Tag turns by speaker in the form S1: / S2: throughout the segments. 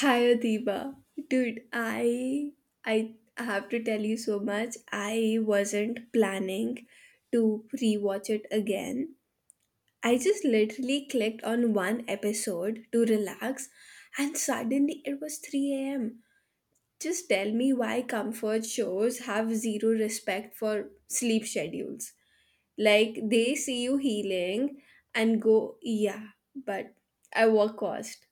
S1: Hi Adiba. Dude, I have to tell you so much. I wasn't planning to rewatch it again. I just literally clicked on one episode to relax, and suddenly it was 3 a.m. Just tell me why comfort shows have zero respect for sleep schedules. Like they see you healing and go, yeah, but I work cost.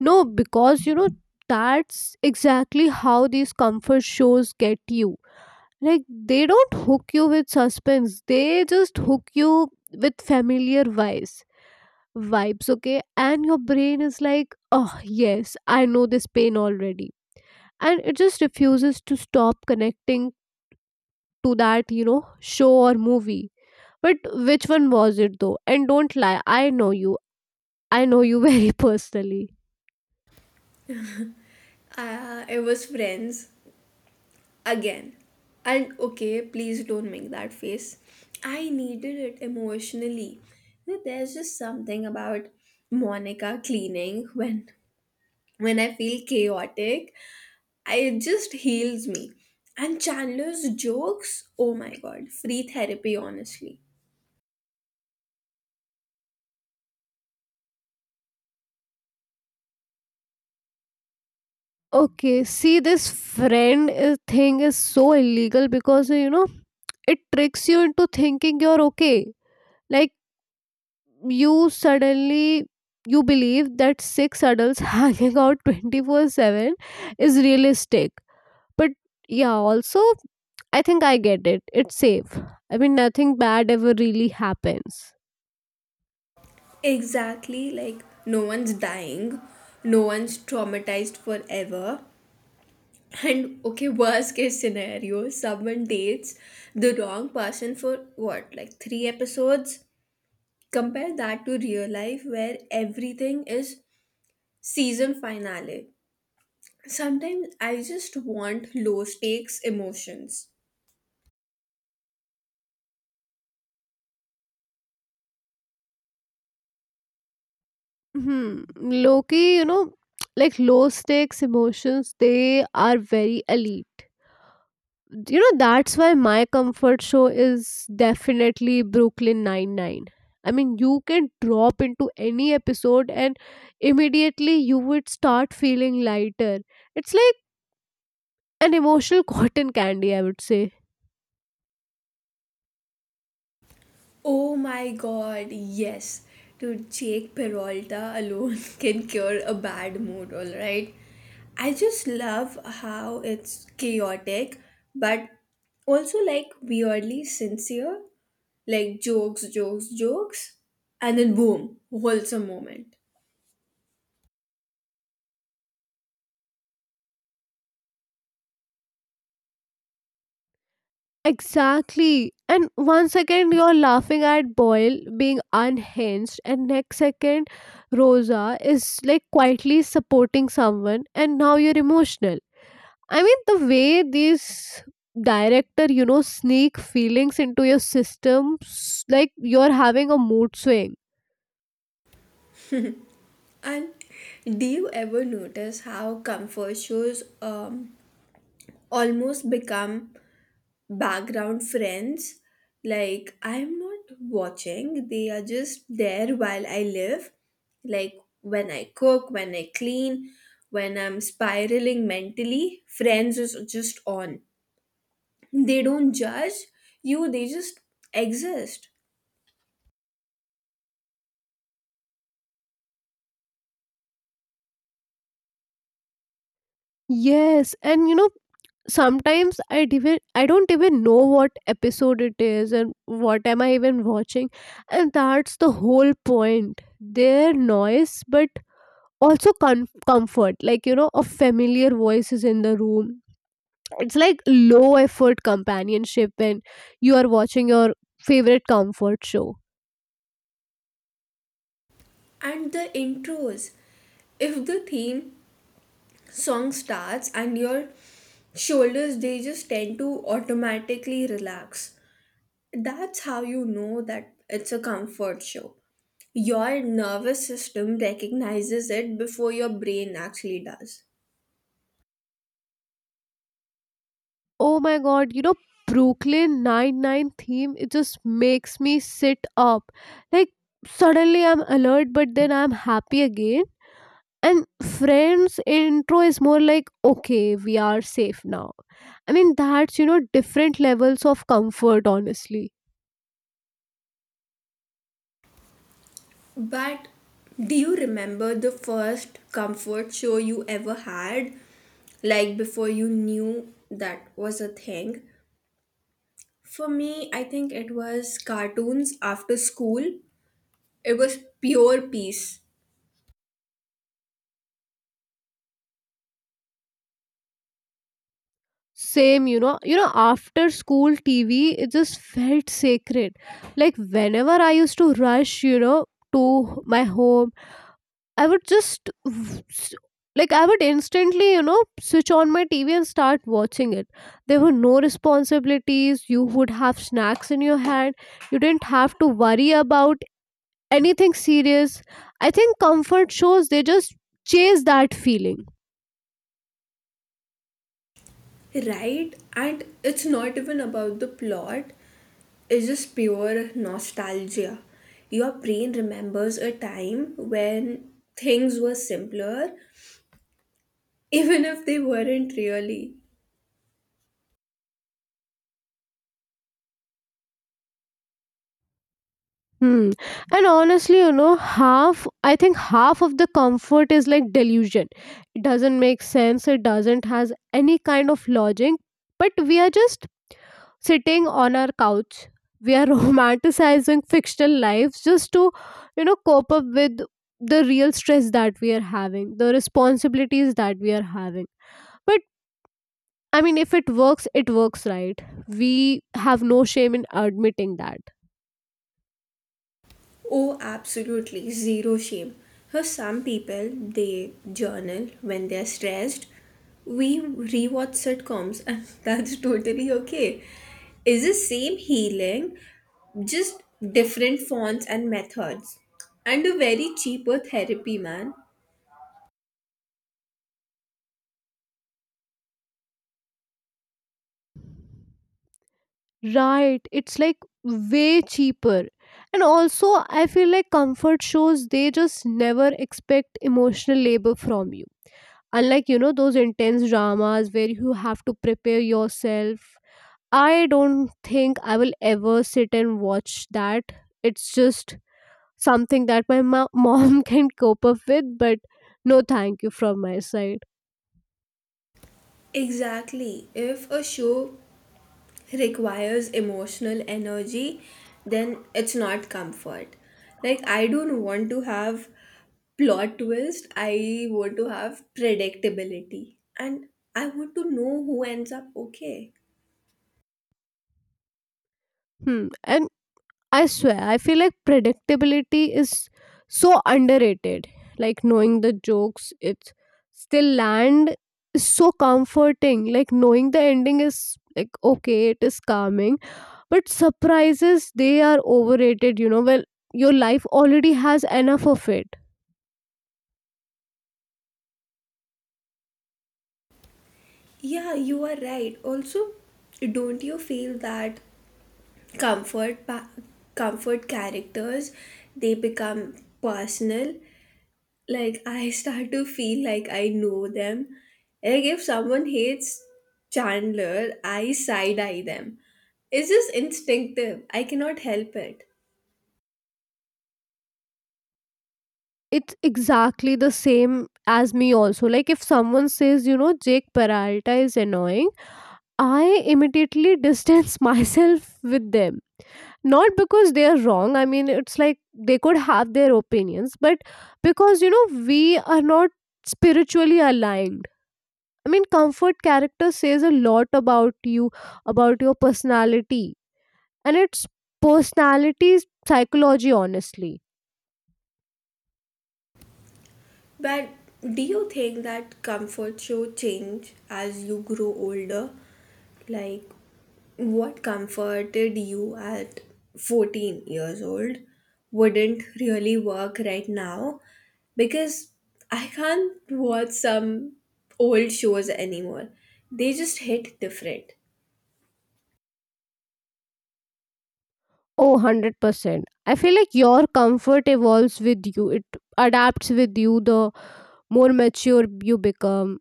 S2: No, because that's exactly how these comfort shows get you. Like they don't hook you with suspense. They just hook you with familiar vibes. Vibes, okay? And your brain is like, "Oh, yes, I know this pain already." And it just refuses to stop connecting to that show or movie. But which one was it though? And don't lie, I know you. I know you very personally.
S1: It was friends again. And okay, please don't make that face. I needed it emotionally. You know, there's just something about Monica cleaning when I feel chaotic, I, it just heals me. And Chandler's jokes, oh my god, free therapy honestly.
S2: Okay, see this thing is so illegal because it tricks you into thinking you're okay. Like you suddenly you believe that six adults hanging out 24/7 is realistic. But yeah, also I think I get it. It's safe. I mean nothing bad ever really happens.
S1: Exactly, like no one's dying, no one's traumatized forever. And okay, worst case scenario, someone dates the wrong person for what, like three episodes? Compare that to real life where everything is season finale. Sometimes I just want low stakes emotions.
S2: Hmm. Loki, like low stakes emotions, they are very elite. That's why my comfort show is definitely Brooklyn Nine Nine. I mean you can drop into any episode and immediately you would start feeling lighter. It's like an emotional cotton candy, I would say.
S1: Oh my god, yes. Dude, Jake Peralta alone can cure a bad mood, alright? I just love how it's chaotic, but also like weirdly sincere. Like jokes, jokes, jokes, and then boom, wholesome moment.
S2: Exactly, and one second you're laughing at Boyle being unhinged, and next second Rosa is like quietly supporting someone, and now you're emotional. I mean, the way these director sneak feelings into your system, like you're having a mood swing.
S1: And do you ever notice how comfort shows almost become background friends? Like, I'm not watching, they are just there while I live. Like, when I cook, when I clean, when I'm spiraling mentally, friends is just on. They don't judge you, they just exist.
S2: Yes, and sometimes I don't even know what episode it is and what am I even watching, and that's the whole point. Their noise, but also comfort. Like a familiar voice is in the room. It's like low effort companionship, and you are watching your favorite comfort show.
S1: And the intros. If the theme song starts, and your shoulders, they just tend to automatically relax. That's how you know that it's a comfort show. Your nervous system recognizes it before your brain actually does.
S2: Oh my god, Brooklyn Nine-Nine theme, it just makes me sit up. Like, suddenly I'm alert, but then I'm happy again. And Friends intro is more like, okay, we are safe now. I mean, that's, different levels of comfort, honestly.
S1: But do you remember the first comfort show you ever had? Like before you knew that was a thing? For me, I think it was cartoons after school. It was pure peace,
S2: Same, after school TV, it just felt sacred. Like, whenever I used to rush, to my home I would just I would instantly, switch on my TV and start watching it. There were no responsibilities. You would have snacks in your hand. You didn't have to worry about anything serious. I think comfort shows they just chase that feeling.
S1: right? And it's not even about the plot, it's just pure nostalgia. Your brain remembers a time when things were simpler, even if they weren't really.
S2: Hmm. And honestly, half I think half of the comfort is like delusion. It doesn't make sense. It doesn't has any kind of logic. But we are just sitting on our couch, we are romanticizing fictional lives just to cope up with the real stress that we are having, the responsibilities that we are having. But I mean, if it works it works, right? We have no shame in admitting that.
S1: Oh, absolutely, zero shame. For some people, they journal when they're stressed. We rewatch sitcoms, and that's totally okay. Is the same healing, just different fonts and methods, and a very cheaper therapy, man.
S2: Right, it's like way cheaper. And also, I feel like comfort shows they just never expect emotional labor from you, unlike those intense dramas where you have to prepare yourself. I don't think I will ever sit and watch that. It's just something that my mom can cope up with, but no thank you from my side.
S1: Exactly. If a show requires emotional energy, then it's not comfort. Like, I don't want to have plot twist, I want to have predictability. And I want to know who ends up okay.
S2: Hmm. And I swear, I feel like predictability is so underrated. Like knowing the jokes, it's still land is so comforting. Like knowing the ending is like okay, it is calming. But surprises, they are overrated. Well, your life already has enough of it.
S1: Yeah, you are right. Also, don't you feel that comfort pa- comfort characters, they become personal, like I start to feel like I know them. Like if someone hates Chandler, I side eye them. It's just instinctive. I cannot help it.
S2: It's exactly the same as me, also. Like, if someone says, Jake Peralta is annoying, I immediately distance myself with them. Not because they are wrong. I mean, it's like they could have their opinions, but because, we are not spiritually aligned. I mean, comfort character says a lot about you, about your personality, and it's personality's psychology, honestly.
S1: But do you think that comfort should change as you grow older? Like, what comforted you at 14 years old wouldn't really work right now, because I can't watch some old shows anymore. They just hit different.
S2: Oh, 100% I feel like your comfort evolves with you. It adapts with you the more mature you become.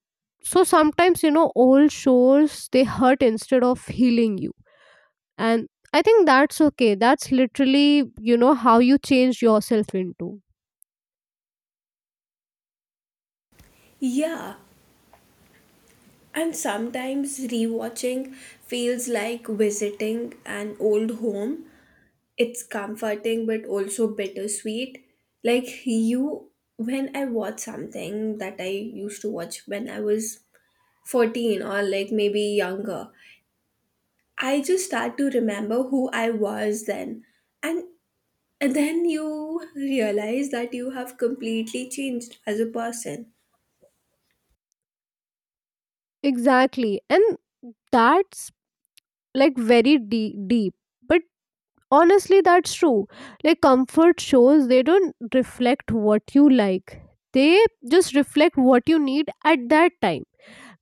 S2: So sometimes old shows they hurt instead of healing you. And I think that's okay. That's literally how you change yourself into.
S1: Yeah, and sometimes rewatching feels like visiting an old home, it's comforting but also bittersweet. Like you, when I watch something that I used to watch when I was 14 or like maybe younger, I just start to remember who I was then. And, and then you realize that you have completely changed as a person.
S2: Exactly, and that's like very deep, but honestly, that's true. Like comfort shows, they don't reflect what you like. They just reflect what you need at that time.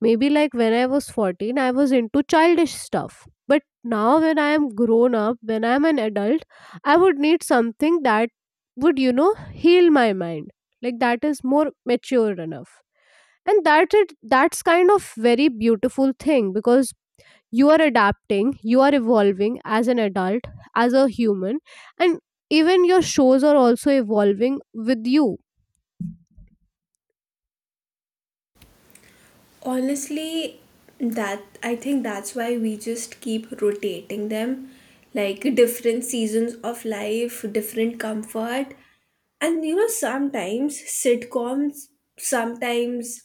S2: Maybe like when I was 14, I was into childish stuff. But now when I am grown up, when I am an adult, I would need something that would, heal my mind. Like that is more mature enough. And that's kind of very beautiful thing because you are adapting, you are evolving as an adult, as a human. And even your shows are also evolving with you.
S1: Honestly, that I think that's why we just keep rotating them, like different seasons of life, different comfort. And you know, sometimes sitcoms, sometimes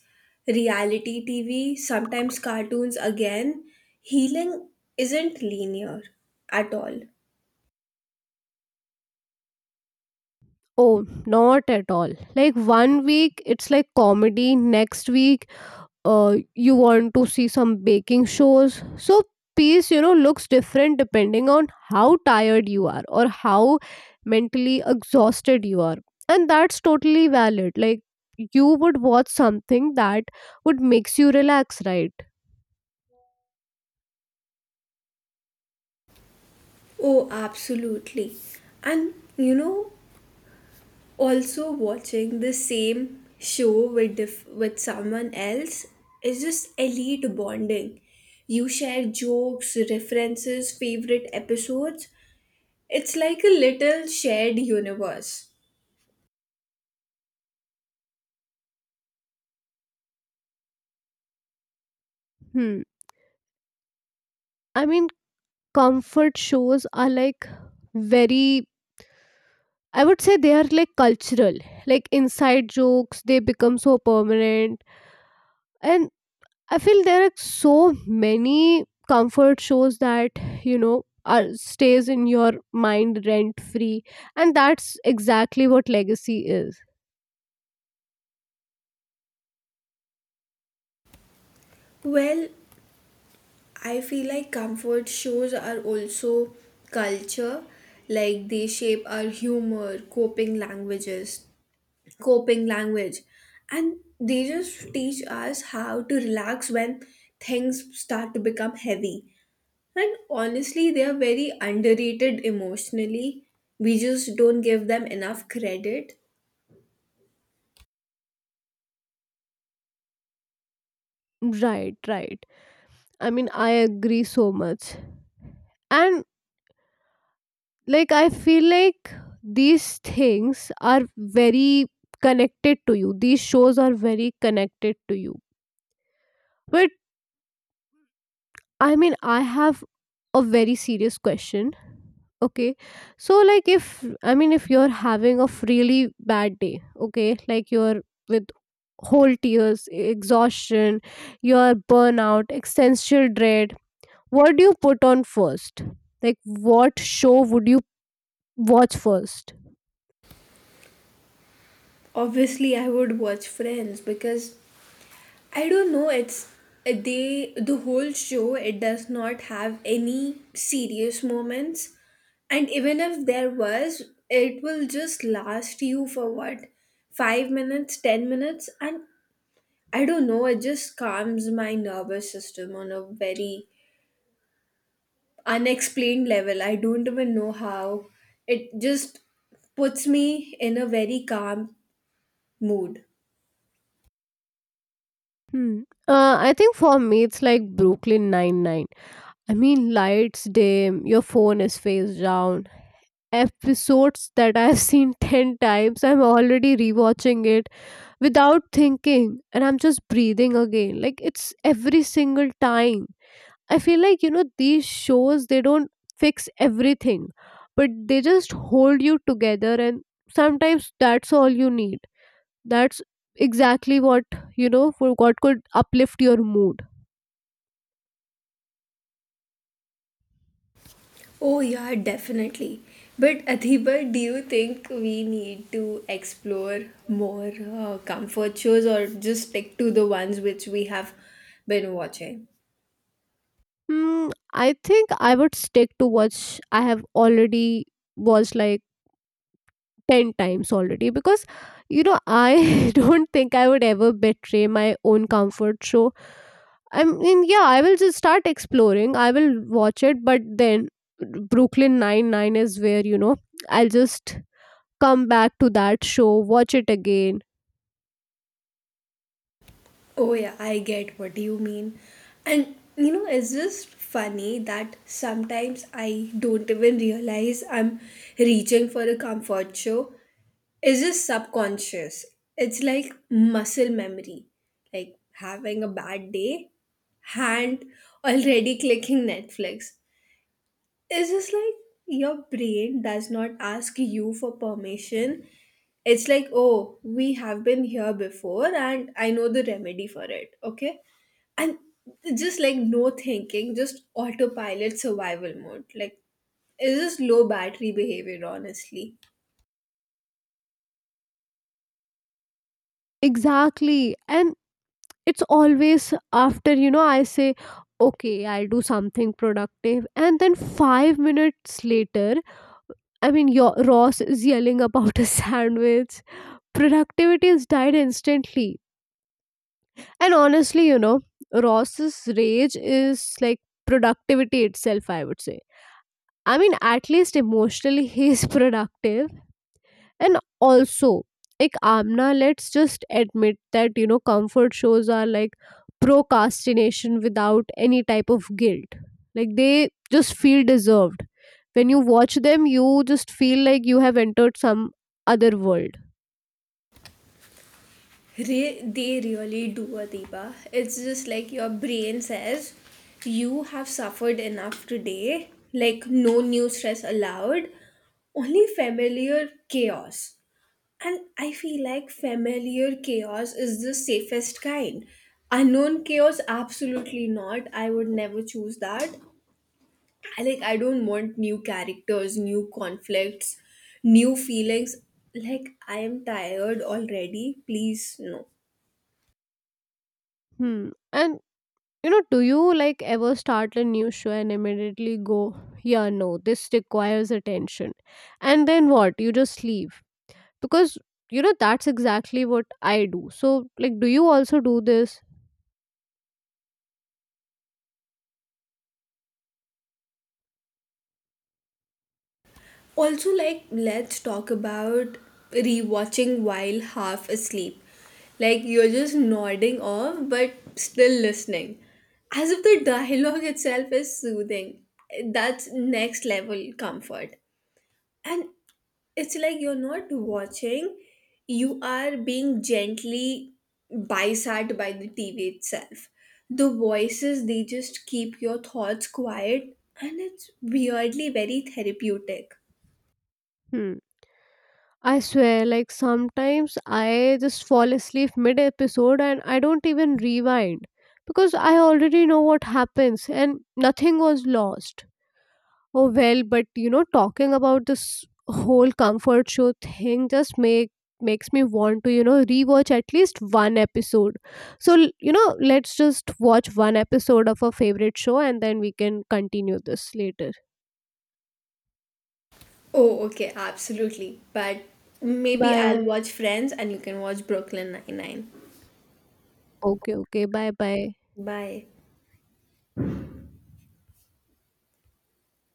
S1: reality TV, sometimes cartoons again, healing isn't linear at all.
S2: Oh, not at all. Like one week it's like comedy, next week you want to see some baking shows. So piece looks different depending on how tired you are or how mentally exhausted you are. And that's totally valid. Like you would watch something that would makes you relax, right?
S1: Oh, absolutely. And you know, also watching the same show with someone else is just elite bonding, you share jokes, references, favorite episodes. It's like a little shared universe.
S2: Hmm. I mean, comfort shows are like very, I would say they are like cultural. Like inside jokes, they become so permanent. And I feel there are so many comfort shows that are stays in your mind rent free, and that's exactly what legacy is.
S1: Well, I feel like comfort shows are also culture, like they shape our humor, coping languages, coping language, and they just teach us how to relax when things start to become heavy. And honestly, they are very underrated emotionally, we just don't give them enough credit.
S2: Right, right. I mean, I agree so much, and like I feel like these things are very connected to you. These shows are very connected to you. But I mean, I have a very serious question. Okay. So like if I mean if you're having a really bad day, okay, like you're with whole tears, exhaustion, your burnout, existential dread, what do you put on first? Like what show would you watch first?
S1: Obviously I would watch friends because I don't know, it's they the whole show, it does not have any serious moments. And even if there was, it will just last you for what? 5 minutes, 10 minutes? And I don't know, it just calms my nervous system on a very unexplained level. I don't even know how. It just puts me in a very calm mood.
S2: Hmm. I think for me it's like Brooklyn Nine Nine. I mean, lights dim, your phone is face down, episodes that I've seen 10 times. I'm already rewatching it without thinking and I'm just breathing again. Like it's every single time. I feel like, these shows they don't fix everything, but they just hold you together and sometimes that's all you need. That's exactly what, for what could uplift your mood.
S1: Oh, yeah, definitely. But Athiba, do you think we need to explore more comfort shows, or just stick to the ones which we have been watching?
S2: Hmm, I think I would stick to what I have already watched like 10 times already because I don't think I would ever betray my own comfort. So I mean, yeah, I will just start exploring. I will watch it, but then Brooklyn Nine Nine is where I'll just come back to that show, watch it again.
S1: Oh, yeah, I get what you mean. And you know, it's just funny that sometimes I don't even realize I'm reaching for a comfort show. It's just subconscious. It's like muscle memory, like having a bad day, hand already clicking Netflix. It's just like your brain does not ask you for permission. It's like, oh, we have been here before and I know the remedy for it, okay? And just like no thinking, just autopilot survival mode, like it's just low battery behavior honestly.
S2: Exactly, and it's always after I say okay I'll do something productive, and then 5 minutes later, I mean your Ross is yelling about a sandwich. Productivity has died instantly. And honestly, Ross's rage is like productivity itself, I would say. I mean, at least emotionally, he is productive. And also, like Amna, let's just admit that, comfort shows are like procrastination without any type of guilt. Like, they just feel deserved. When you watch them, you just feel like you have entered some other world.
S1: They really do, Adiba. It's just like your brain says, you have suffered enough today, like no new stress allowed, only familiar chaos. And I feel like familiar chaos is the safest kind. Unknown chaos, absolutely not. I would never choose that. I like I don't want new characters, new conflicts, new feelings. Like I am tired already. Please no.
S2: Hmm. And do you like ever start a new show and immediately go, yeah, no, this requires attention? And then what? You just leave. Because, that's exactly what I do. So, like, do you also do this?
S1: Also, like let's talk about rewatching while half asleep. Like you're just nodding off but still listening. As if the dialogue itself is soothing. That's next level comfort. And it's like you're not watching, you are being gently bisat by the TV itself, the voices they just keep your thoughts quiet, and it's weirdly very therapeutic.
S2: Hmm. I swear, like, sometimes I just fall asleep mid episode and I don't even rewind because I already know what happens and nothing was lost. Oh, well, but talking about this whole comfort show thing just makes me want to rewatch at least one episode. So let's just watch one episode of our favorite show, and then we can continue this later.
S1: Oh okay, absolutely. But maybe I'll
S2: Bye.
S1: watch friends and you can watch Brooklyn Nine Nine.
S2: Okay. Okay. Bye. Bye.
S1: Bye.